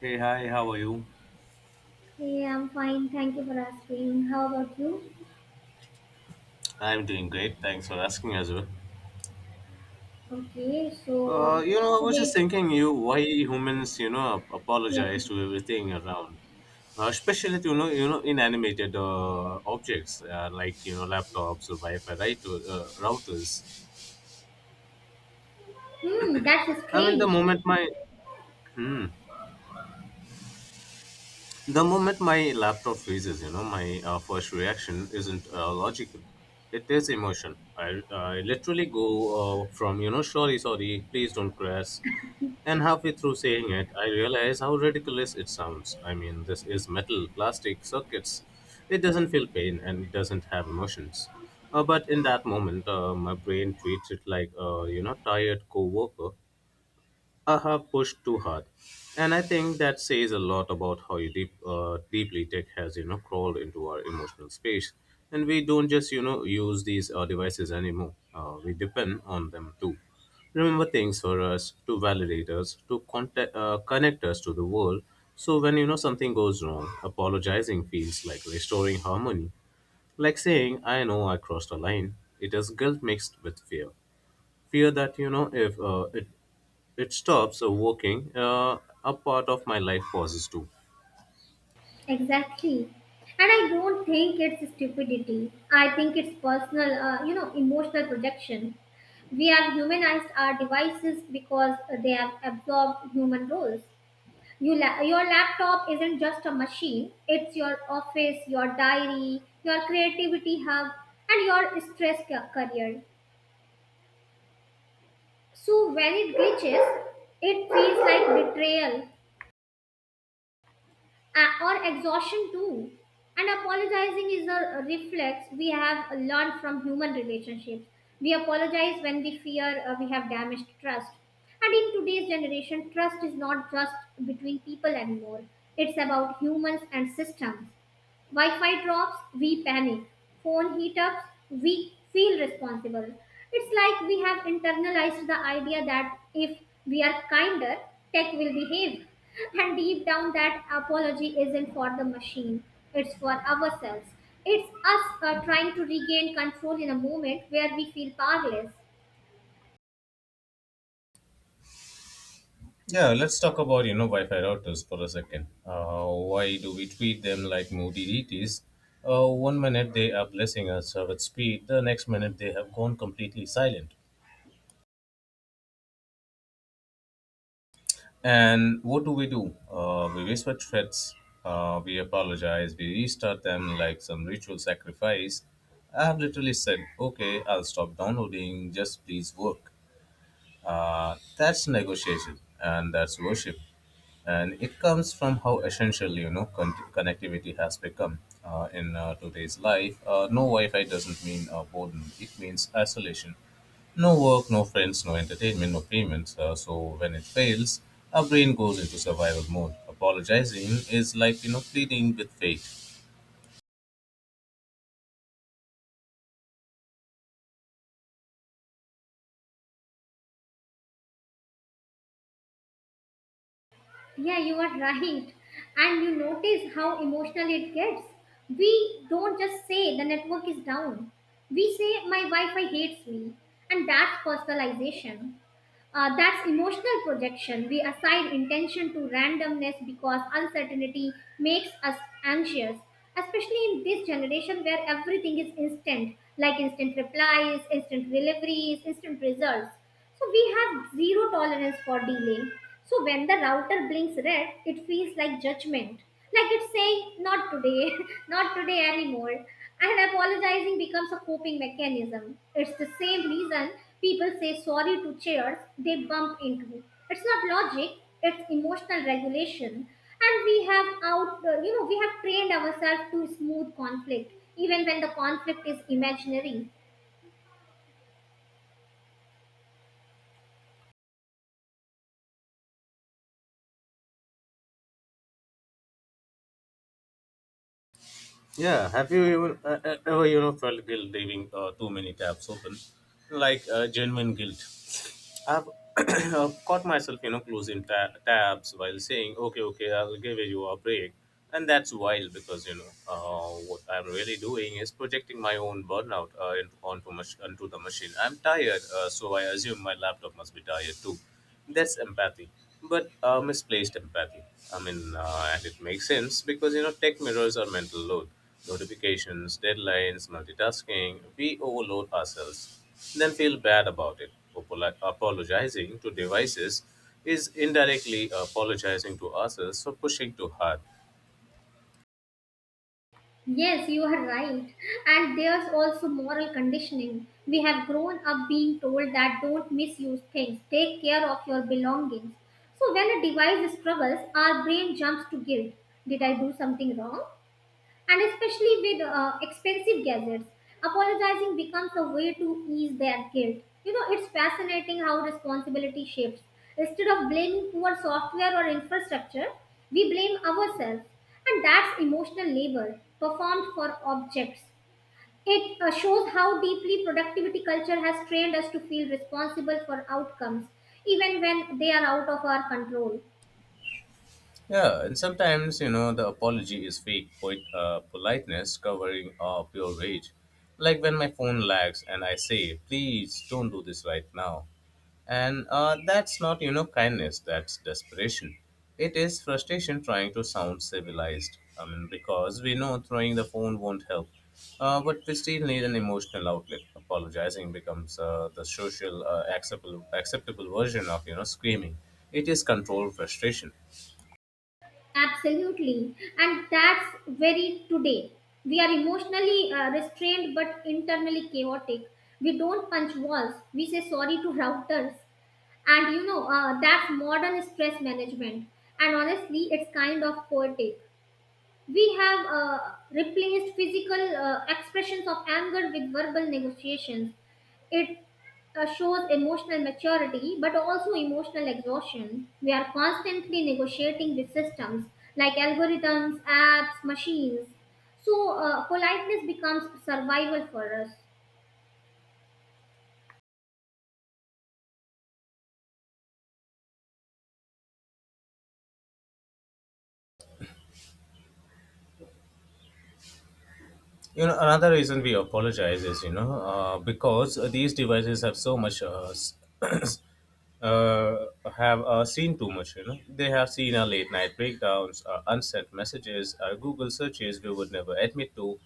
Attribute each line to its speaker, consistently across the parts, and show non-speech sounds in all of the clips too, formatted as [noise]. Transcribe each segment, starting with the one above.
Speaker 1: Hey, hi, how are you?
Speaker 2: Hey, I'm fine. Thank you for asking. How about you?
Speaker 1: I'm doing great. Thanks for asking as well.
Speaker 2: Okay, so
Speaker 1: You know, I was just
Speaker 2: today,
Speaker 1: thinking, you why humans,
Speaker 2: yeah.
Speaker 1: apologize to everything around, especially you know, inanimated objects like you know, laptops or Wi-Fi, right, or, routers.
Speaker 2: Hmm, that's
Speaker 1: I mean, the
Speaker 2: strange.
Speaker 1: moment my hmm. The moment my laptop freezes, you know, my first reaction isn't logical. It is emotion. I literally go from, you know, sorry, sorry, please don't crash. And halfway through saying it, I realize how ridiculous it sounds. I mean, this is metal, plastic, circuits. It doesn't feel pain and it doesn't have emotions. But in that moment, my brain treats it like a, you know, tired co worker I have pushed too hard, and I think that says a lot about how deeply tech has you know crawled into our emotional space. And we don't just you know use these devices anymore. We depend on them too. Remember things for us to validate us to connect us to the world. So when you know something goes wrong, apologizing feels like restoring harmony, like saying I know I crossed a line. It is guilt mixed with fear, fear that you know if it stops working, a part of my life pauses too.
Speaker 2: Exactly. And I don't think it's stupidity. I think it's personal, emotional projection. We have humanized our devices because they have absorbed human roles. Your laptop isn't just a machine, it's your office, your diary, your creativity hub, and your career. So when it glitches, it feels like betrayal or exhaustion too. And apologizing is a reflex we have learned from human relationships. We apologize when we fear we have damaged trust. And in today's generation, trust is not just between people anymore. It's about humans and systems. Wi-Fi drops, we panic. Phone heat ups, we feel responsible. It's like we have internalized the idea that if we are kinder, tech will behave. [laughs] And deep down, that apology isn't for the machine, it's for ourselves. It's us trying to regain control in a moment where we feel powerless.
Speaker 1: Yeah, let's talk about you know Wi-Fi routers for a second. Why do we treat them like moody deities? One minute they are blessing us with speed, the next minute they have gone completely silent. And what do we do? We whisper threats, we apologize, we restart them like some ritual sacrifice. I have literally said, "Okay, I'll stop downloading. Just please work." That's negotiation and that's worship and it comes from how essential connectivity has become in today's life. No wi-fi doesn't mean boredom, it means isolation. No work, no friends, no entertainment, no payments. So when it fails, our brain goes into survival mode. Apologizing is like you know pleading with fate.
Speaker 2: Yeah, you are right. And you notice how emotional it gets. We don't just say the network is down. We say my Wi-Fi hates me, and that's personalization. That's emotional projection. We assign intention to randomness because uncertainty makes us anxious, especially in this generation where everything is instant, like instant replies, instant deliveries, instant results. So we have zero tolerance for delay. So when the router blinks red, it feels like judgment. Like it's saying, not today, [laughs] not today anymore. And apologizing becomes a coping mechanism. It's the same reason people say sorry to chairs they bump into. It's not logic, it's emotional regulation. And we have out, you know, we have trained ourselves to smooth conflict, even when the conflict is imaginary.
Speaker 1: Yeah, have you even ever you know felt guilt leaving too many tabs open, like genuine guilt? I've [clears throat] caught myself, you know, tabs while saying, "Okay, okay, I'll give you a break," and that's wild because you know what I'm really doing is projecting my own burnout onto the machine. I'm tired, so I assume my laptop must be tired too. That's empathy, but misplaced empathy. I mean, and it makes sense because you know tech mirrors our mental load, notifications, deadlines, multitasking. We overload ourselves, then feel bad about it. Apologizing to devices is indirectly apologizing to ourselves for pushing too hard.
Speaker 2: Yes, you are right. And there's also moral conditioning. We have grown up being told that don't misuse things, take care of your belongings. So when a device struggles, our brain jumps to guilt. Did I do something wrong? And especially with expensive gadgets, apologizing becomes a way to ease their guilt. You know, it's fascinating how responsibility shifts. Instead of blaming poor software or infrastructure, we blame ourselves, and that's emotional labor performed for objects. It shows how deeply productivity culture has trained us to feel responsible for outcomes, even when they are out of our control.
Speaker 1: Yeah, and sometimes, you know, the apology is fake politeness covering pure rage. Like when my phone lags and I say, please don't do this right now. And that's not, you know, kindness, that's desperation. It is frustration trying to sound civilized. I mean, because we know throwing the phone won't help. But we still need an emotional outlet. Apologizing becomes the social acceptable version of, you know, screaming. It is controlled frustration.
Speaker 2: Absolutely. And that's very today. We are emotionally restrained but internally chaotic. We don't punch walls. We say sorry to routers. And you know, that's modern stress management. And honestly, it's kind of poetic. We have replaced physical expressions of anger with verbal negotiations. It shows emotional maturity but also emotional exhaustion. We are constantly negotiating with systems like algorithms, apps, machines. So, politeness becomes survival for us.
Speaker 1: You know, another reason we apologize is, you know, because these devices have so much, [coughs] [clears throat] uh, have seen too much, you know. They have seen our late night breakdowns, our unsent messages, our Google searches we would never admit to.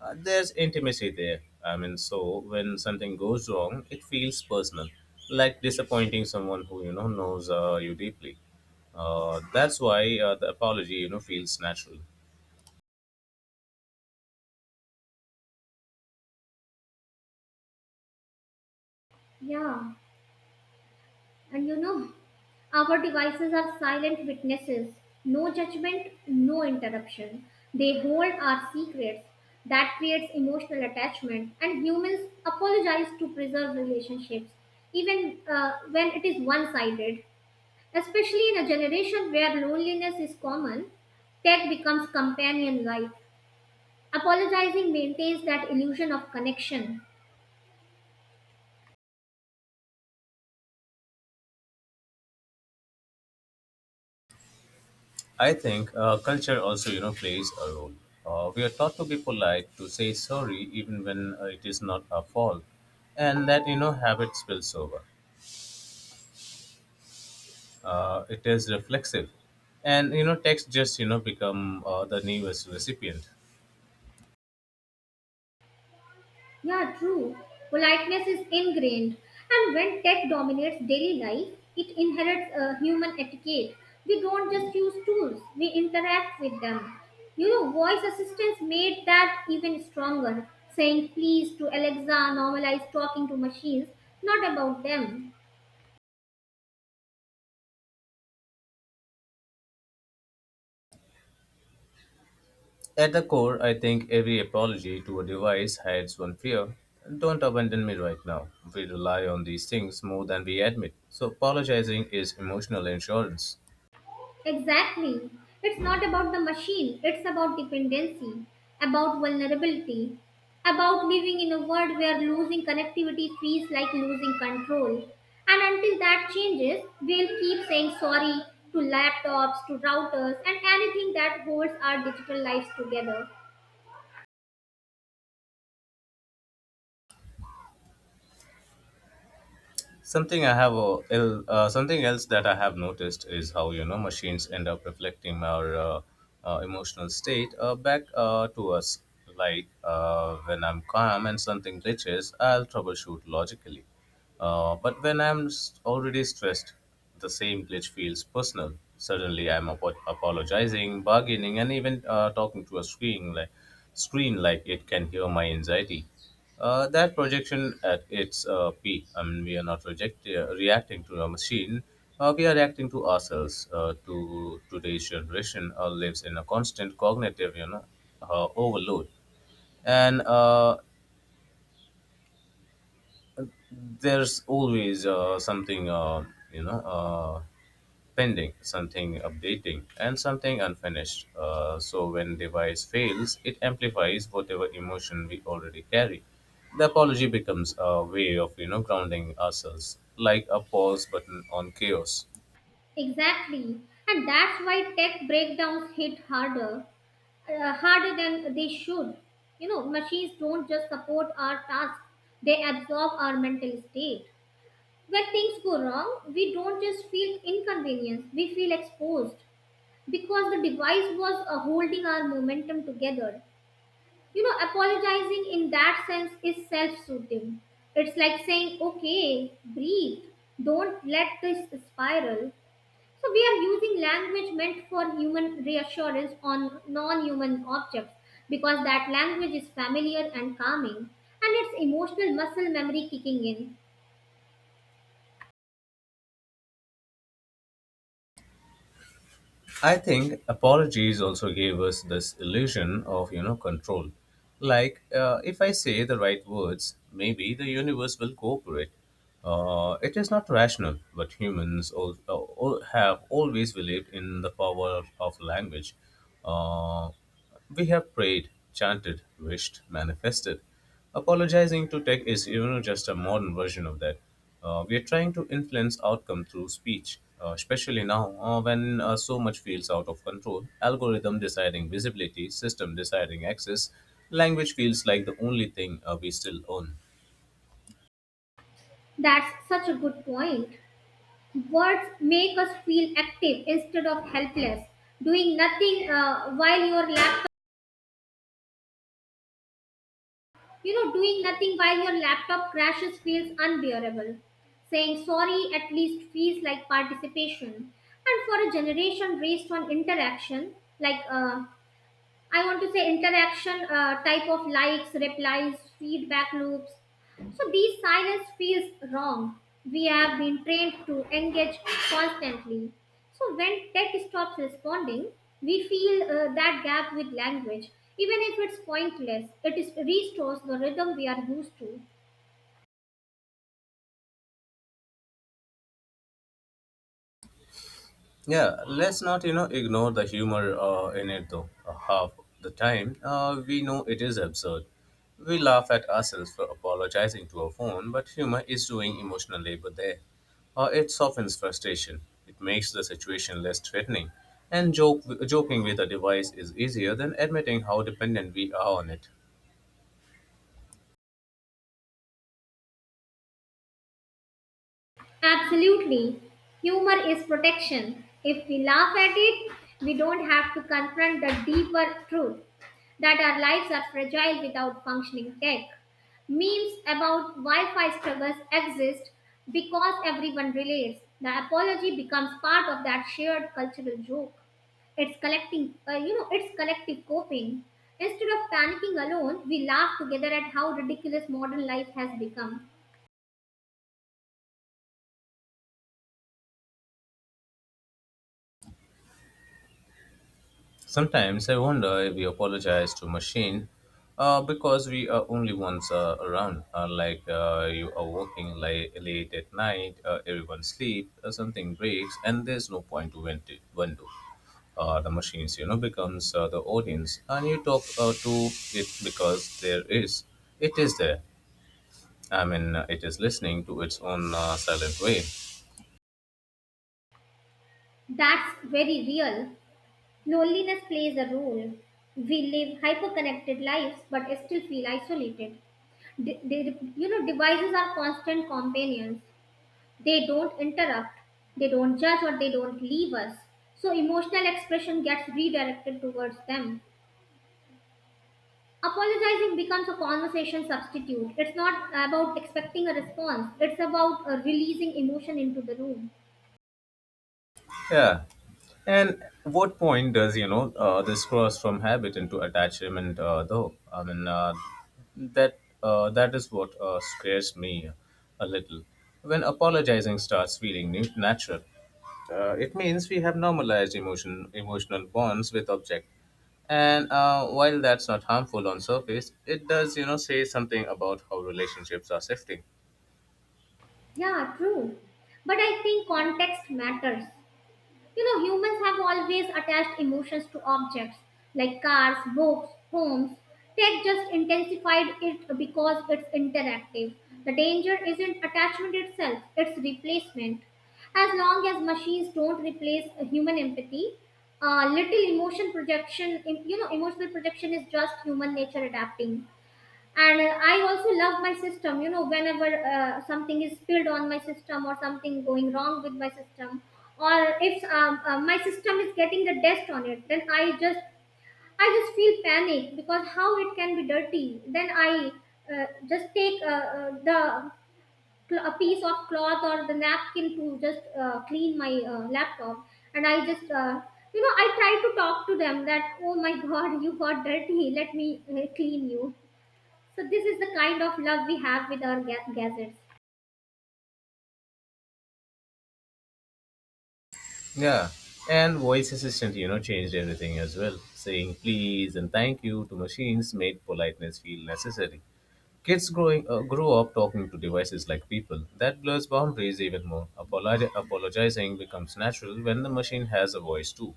Speaker 1: There's intimacy there. I mean, so when something goes wrong, it feels personal, like disappointing someone who, you know, knows you deeply. That's why the apology, you know, feels natural.
Speaker 2: Yeah. And you know, our devices are silent witnesses. No judgment, no interruption. They hold our secrets. That creates emotional attachment. And humans apologize to preserve relationships, even when it is one sided. Especially in a generation where loneliness is common, tech becomes companion like. Apologizing maintains that illusion of connection.
Speaker 1: I think culture also, you know, plays a role. We are taught to be polite, to say sorry even when it is not our fault, and that you know habit spills over. It is reflexive, and you know text just you know become the newest recipient.
Speaker 2: Yeah, true. Politeness is ingrained, and when tech dominates daily life, it inherits a human etiquette. We don't just use tools, we interact with them. You know, voice assistants made that even stronger, saying please to Alexa, normalize talking to machines, not about them.
Speaker 1: At the core, I think every apology to a device hides one fear. Don't abandon me right now. We rely on these things more than we admit. So apologizing is emotional insurance.
Speaker 2: Exactly. It's not about the machine, it's about dependency, about vulnerability, about living in a world where losing connectivity feels like losing control. And until that changes, we'll keep saying sorry to laptops, to routers, and anything that holds our digital lives together.
Speaker 1: Something I have something else that I have noticed is how you know machines end up reflecting our emotional state back to us. Like when I'm calm and something glitches, I'll troubleshoot logically. But when I'm already stressed, the same glitch feels personal. Suddenly, I'm apologizing, bargaining, and even talking to a screen like it can hear my anxiety. That projection at its peak, I mean, we are not reacting to a machine, we are reacting to ourselves. To today's generation lives in a constant cognitive, you know, overload. And there's always something, you know, uh, pending, something updating, and something unfinished. So when device fails, it amplifies whatever emotion we already carry. The apology becomes a way of you know grounding ourselves, like a pause button on chaos.
Speaker 2: Exactly. And that's why tech breakdowns hit harder, harder than they should. You know, machines don't just support our tasks, they absorb our mental state. When things go wrong, we don't just feel inconvenience, we feel exposed because the device was holding our momentum together. You know, apologizing in that sense is self soothing. It's like saying, okay, breathe, don't let this spiral. So we are using language meant for human reassurance on non-human objects because that language is familiar and calming, and it's emotional muscle memory kicking in.
Speaker 1: I think apologies also gave us this illusion of you know control. Like if I say the right words, maybe the universe will cooperate. It is not rational, but humans all have always believed in the power of language. Uh, we have prayed, chanted, wished, manifested. Apologizing to tech is even just a modern version of that. We are trying to influence outcome through speech, especially now when so much feels out of control. Algorithm deciding visibility, system deciding access, language feels like the only thing we still own.
Speaker 2: That's such a good point. Words make us feel active instead of helpless. Doing nothing uh, while your laptop, Doing nothing while your laptop crashes feels unbearable. Saying sorry at least feels like participation. And for a generation raised on interaction, like I want to say interaction type of likes, replies, feedback loops. So these silence feels wrong. We have been trained to engage constantly. So when tech stops responding, we feel that gap with language. Even if it's pointless, it is restores the rhythm we are used to.
Speaker 1: Yeah, let's not you know ignore the humor in it though. Half the time, we know it is absurd. We laugh at ourselves for apologizing to our phone, but humor is doing emotional labor there. It softens frustration. It makes the situation less threatening, and joke joking with a device is easier than admitting how dependent we are on it.
Speaker 2: Absolutely. Humor is protection. If we laugh at it, we don't have to confront the deeper truth that our lives are fragile without functioning tech. Memes about Wi Fi struggles exist because everyone relates. The apology becomes part of that shared cultural joke. It's collecting, you know, It's collective coping. Instead of panicking alone, we laugh together at how ridiculous modern life has become.
Speaker 1: Sometimes I wonder if we apologize to machine because we are only ones around. Like you are working late, late at night, everyone sleep, something breaks, and there's no point to vent to. The machines, you know, becomes the audience, and you talk to it because it is there. I mean, it is listening to its own silent way.
Speaker 2: That's very real. Loneliness plays a role. We live hyper-connected lives but still feel isolated. You know, devices are constant companions. They don't interrupt, they don't judge, or they don't leave us. So emotional expression gets redirected towards them. Apologizing becomes a conversation substitute. It's not about expecting a response, it's about releasing emotion into the room.
Speaker 1: Yeah. And what point does, you know, this cross from habit into attachment, though? I mean, that is what scares me a little. When apologizing starts feeling natural, it means we have normalized emotional bonds with object. And while that's not harmful on surface, it does, you know, say something about how relationships are shifting.
Speaker 2: Yeah, true. But I think context matters. You know, humans have always attached emotions to objects like cars, books, homes. Tech just intensified it because it's interactive. The danger isn't attachment itself, it's replacement. As long as machines don't replace human empathy, little emotion projection, em- you know, emotional projection is just human nature adapting. And I also love my system. You know, whenever something is spilled on my system or something going wrong with my system, or if my system is getting the dust on it, then I just feel panic because how it can be dirty. Then I just take the a piece of cloth or the napkin to just clean my laptop. And I just, you know, I try to talk to them that, oh my [laughs] god, you got dirty, let me clean you. So this is the kind of love we have with our gadgets.
Speaker 1: Yeah. And voice assistant, you know, changed everything as well. Saying please and thank you to machines made politeness feel necessary. Kids growing grew up talking to devices like people. That blurs boundaries even more. Apologizing becomes natural when the machine has a voice too.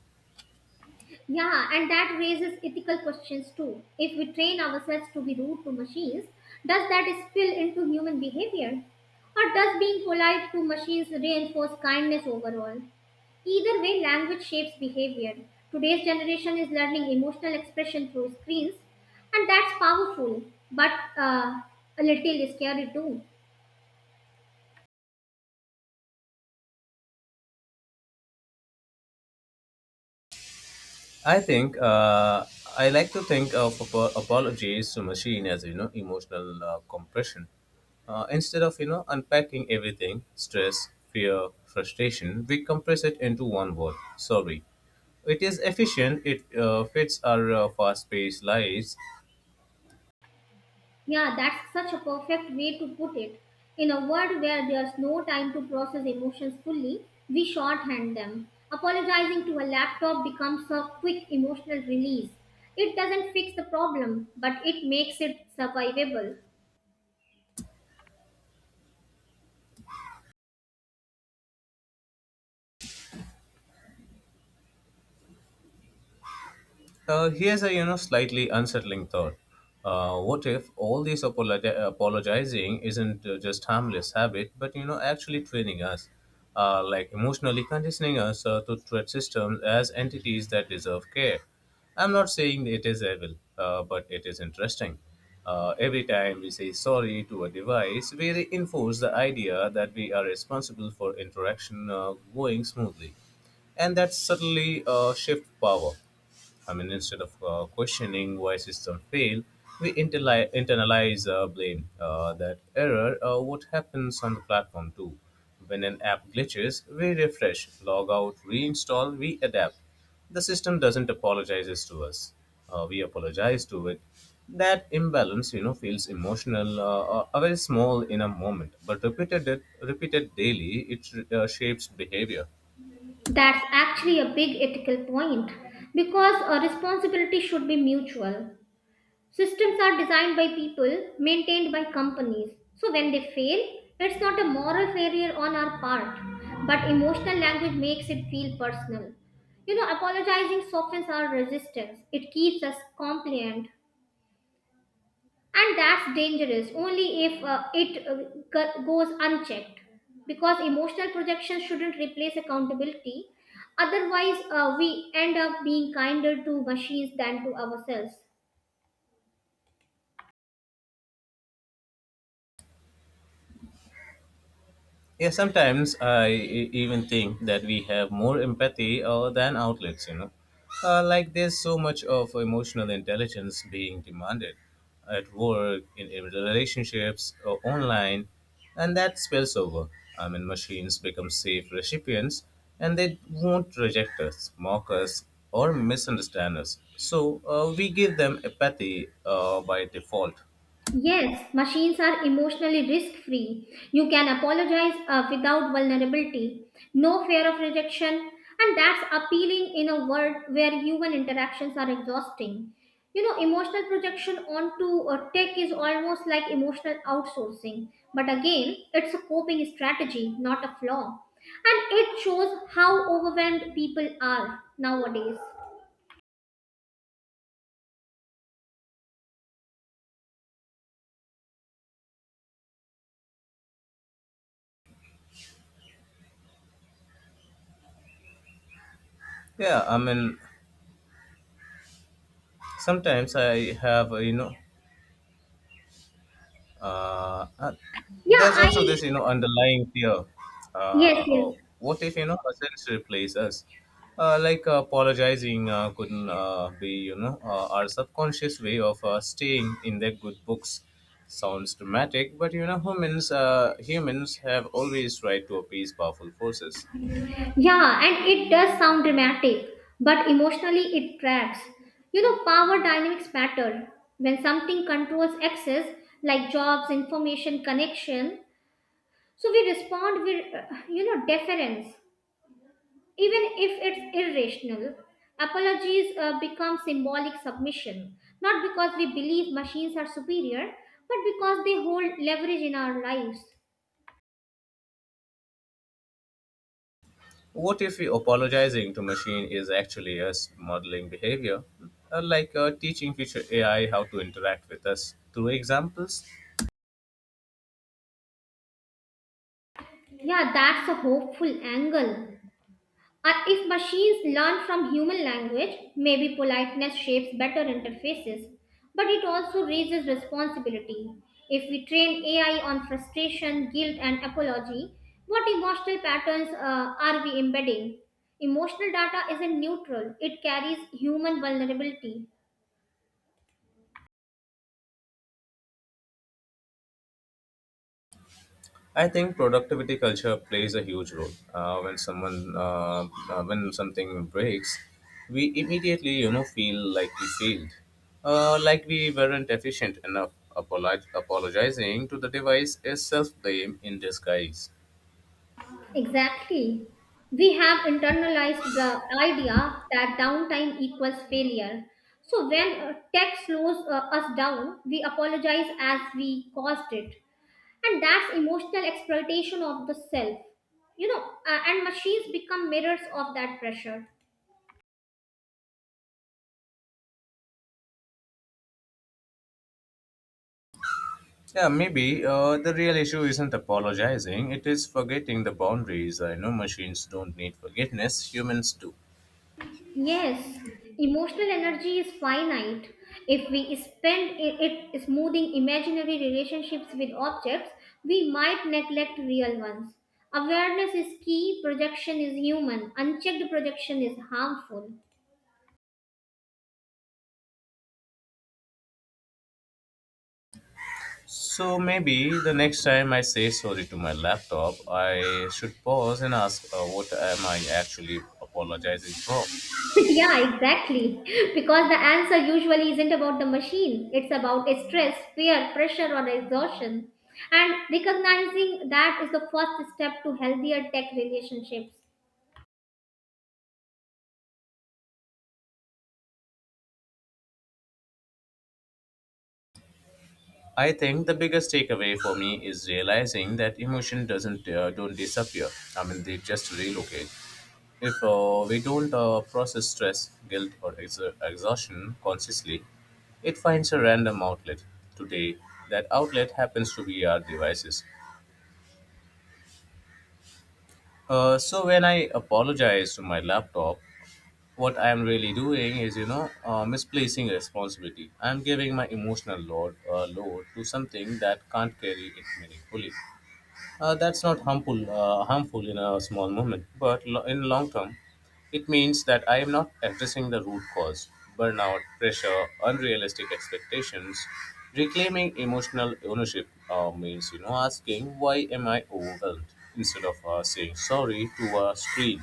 Speaker 2: Yeah, and that raises ethical questions too. If we train ourselves to be rude to machines, does that spill into human behavior? Or does being polite to machines reinforce kindness overall? Either way, language shapes behavior. Today's generation is learning emotional expression through screens, and that's powerful, but uh, a little scary too.
Speaker 1: I think uh, I like to think of apologies to machine as you know emotional compression instead of you know unpacking everything stress fear frustration we compress it into one word sorry. It is efficient, it fits our fast paced lives.
Speaker 2: Yeah, that's such a perfect way to put it. In a world where there's no time to process emotions fully, we shorthand them. Apologizing to a laptop becomes a quick emotional release. It doesn't fix the problem, but it makes it survivable.
Speaker 1: Here's a you know slightly unsettling thought. What if all this apologizing isn't just harmless habit, but you know actually training us, like emotionally conditioning us to treat systems as entities that deserve care. I'm not saying it is evil, but it is interesting. Every time we say sorry to a device, we reinforce the idea that we are responsible for interaction going smoothly, and that subtly shift power. I mean, instead of questioning why system fail, we internalize blame. That error, what happens on the platform too? When an app glitches, we refresh, log out, reinstall, we adapt. The system doesn't apologizes to us. We apologize to it. That imbalance, you know, feels emotional, very small in a moment, but repeated daily, it shapes behavior.
Speaker 2: That's actually a big ethical point because a responsibility should be mutual. Systems are designed by people, maintained by companies. So when they fail, it's not a moral failure on our part, but emotional language makes it feel personal. You know, apologizing softens our resistance, it keeps us compliant, and that's dangerous only if it goes unchecked because emotional projection shouldn't replace accountability. Otherwise, we end up being kinder to machines than to ourselves.
Speaker 1: Yeah, sometimes I even think that we have more empathy than outlets, you know. Like there's so much of emotional intelligence being demanded at work, in relationships, or online, and that spills over. I mean, machines become safe recipients and they won't reject us, mock us, or misunderstand us. So we give them empathy by default.
Speaker 2: Yes, machines are emotionally risk free. You can apologize without vulnerability, no fear of rejection, and that's appealing in a world where human interactions are exhausting. You know, emotional projection onto tech is almost like emotional outsourcing, but again, it's a coping strategy, not a flaw. And it shows how overwhelmed people are nowadays.
Speaker 1: Yeah, I mean, sometimes I have, you know, and
Speaker 2: Yeah,
Speaker 1: there's also
Speaker 2: I.
Speaker 1: this you know underlying fear
Speaker 2: Yes,
Speaker 1: oh,
Speaker 2: yes.
Speaker 1: what if you know ourselves replace us apologizing couldn't be you know our subconscious way of staying in their good books. Sounds dramatic but you know humans have always tried to appease powerful forces.
Speaker 2: Yeah, and it does sound dramatic, but emotionally it traps. You know, power dynamics matter. When something controls access, like jobs, information, connection, so we respond with, deference, even if it's irrational. Apologies become symbolic submission, not because we believe machines are superior, but because they hold leverage in our lives.
Speaker 1: What if we apologizing to machine is actually us modeling behavior teaching future ai how to interact with us through examples.
Speaker 2: Yeah, that's a hopeful angle. If machines learn from human language, maybe politeness shapes better interfaces, but it also raises responsibility. If we train AI on frustration, guilt, and apology, what emotional patterns are we embedding? Emotional data isn't neutral, it carries human vulnerability.
Speaker 1: I think productivity culture plays a huge role. Uh, when something breaks, we immediately, you know, feel like we failed, like we weren't efficient enough. Apologizing to the device is self-blame in disguise.
Speaker 2: Exactly. We have internalized the idea that downtime equals failure. So when tech slows us down, we apologize as we caused it. And that's emotional exploitation of the self. You know, and machines become mirrors of that pressure.
Speaker 1: Yeah, maybe the real issue isn't apologizing; it is forgetting the boundaries. I know machines don't need forgiveness; humans do.
Speaker 2: Yes, emotional energy is finite. If we spend it smoothing imaginary relationships with objects, we might neglect real ones. Awareness is key, projection is human, unchecked projection is harmful.
Speaker 1: So maybe the next time I say sorry to my laptop, I should pause and ask what am I actually apologizing for.
Speaker 2: [laughs] Yeah, exactly. Because the answer usually isn't about the machine, it's about a stress, fear, pressure, or exhaustion. And recognizing that is the first step to healthier tech relationships.
Speaker 1: I think the biggest takeaway for me is realizing that emotion doesn't don't disappear. I mean, they just relocate. If we don't process stress, guilt, or exhaustion consciously, it finds a random outlet. Today, that outlet happens to be our devices. So when I apologize to my laptop, what I am really doing is, you know, misplacing responsibility. I am giving my emotional load to something that can't carry it meaningfully. That's not harmful in a small moment, but in long term, it means that I am not addressing the root cause: burnout, pressure, unrealistic expectations. Reclaiming emotional ownership means, you know, asking why am I overwhelmed instead of saying sorry to a screen.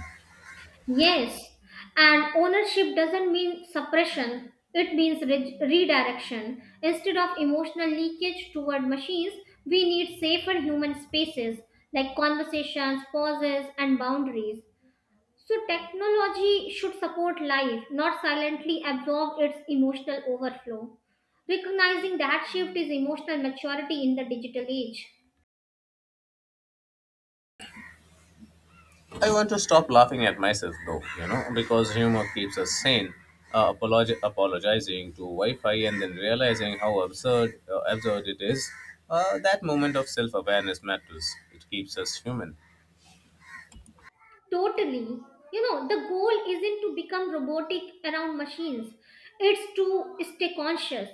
Speaker 2: Yes, and ownership doesn't mean suppression, it means redirection. Instead of emotional leakage toward machines, we need safer human spaces like conversations, pauses, and boundaries. So, technology should support life, not silently absorb its emotional overflow. Recognizing that shift is emotional maturity in the digital age.
Speaker 1: I want to stop laughing at myself though, you know, because humor keeps us sane. Apologizing to Wi-Fi and then realizing how absurd it is. That moment of self-awareness matters. It keeps us human.
Speaker 2: Totally. You know, the goal isn't to become robotic around machines, it's to stay conscious.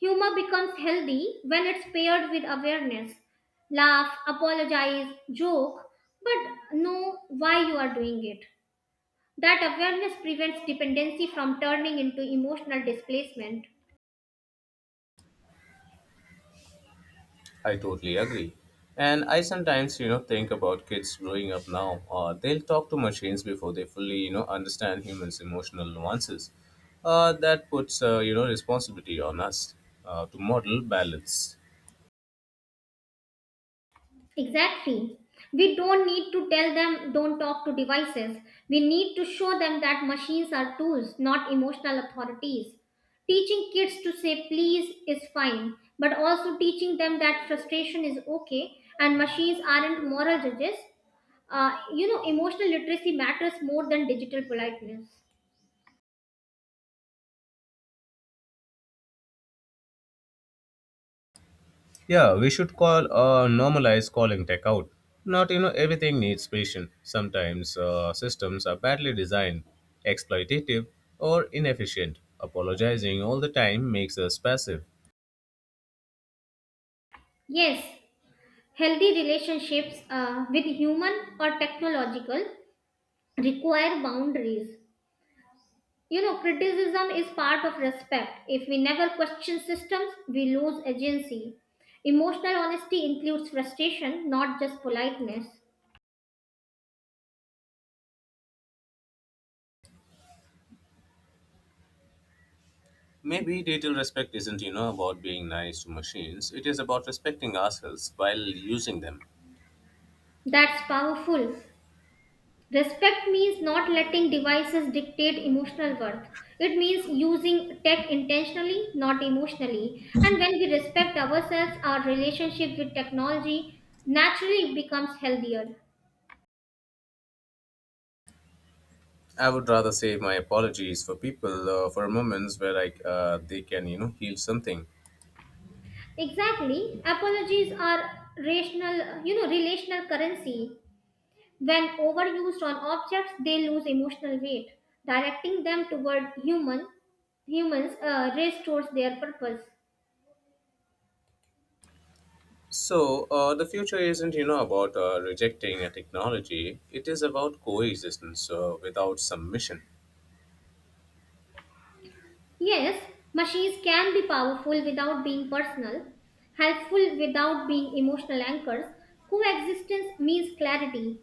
Speaker 2: Humor becomes healthy when it's paired with awareness. Laugh, apologize, joke, but know why you are doing it. That awareness prevents dependency from turning into emotional displacement.
Speaker 1: I totally agree. And I sometimes, you know, think about kids growing up now. They'll talk to machines before they fully, you know, understand humans' emotional nuances. That puts, you know, responsibility on us to model balance.
Speaker 2: Exactly. We don't need to tell them don't talk to devices. We need to show them that machines are tools, not emotional authorities. Teaching kids to say please is fine, but also teaching them that frustration is okay and machines aren't moral judges. You know, emotional literacy matters more than digital politeness.
Speaker 1: Yeah, we should call normalize calling tech out. Not you know everything needs patient. Sometimes systems are badly designed, exploitative, or inefficient. Apologizing all the time makes us passive.
Speaker 2: Yes, healthy relationships with human or technological require boundaries. You know, criticism is part of respect. If we never question systems, we lose agency. Emotional honesty includes frustration, not just politeness.
Speaker 1: Maybe digital respect isn't you know about being nice to machines. It is about respecting ourselves while using them.
Speaker 2: That's powerful. Respect means not letting devices dictate emotional worth. It means using tech intentionally, not emotionally. And when we respect ourselves, our relationship with technology naturally becomes healthier.
Speaker 1: I would rather save my apologies for people for moments where I they can you know heal something.
Speaker 2: Exactly. Apologies are rational, you know, relational currency. When overused on objects, they lose emotional weight. Directing them toward humans restores their purpose.
Speaker 1: So, the future isn't, you know, about rejecting a technology. It is about coexistence without submission.
Speaker 2: Yes, machines can be powerful without being personal, helpful without being emotional anchors. Coexistence means clarity,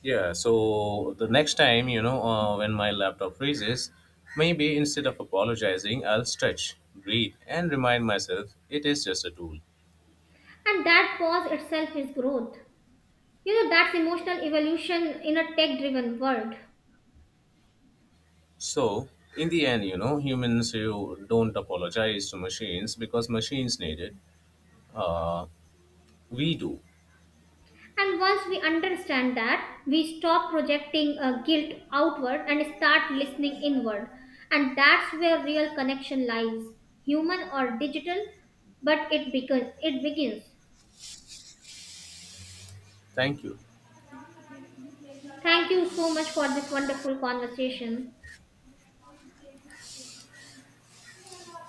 Speaker 1: Yeah, so the next time, you know, when my laptop freezes, maybe instead of apologizing, I'll stretch, breathe, and remind myself it is just a tool.
Speaker 2: and that pause itself is growth. You know, that's emotional evolution in a tech driven world.
Speaker 1: So, in the end, you know, humans who don't apologize to machines because machines need it, uh, we do.
Speaker 2: And once we understand that, we stop projecting guilt outward and start listening inward. And that's where real connection lies, human or digital, but it begins. It begins.
Speaker 1: Thank you.
Speaker 2: Thank you so much for this wonderful conversation.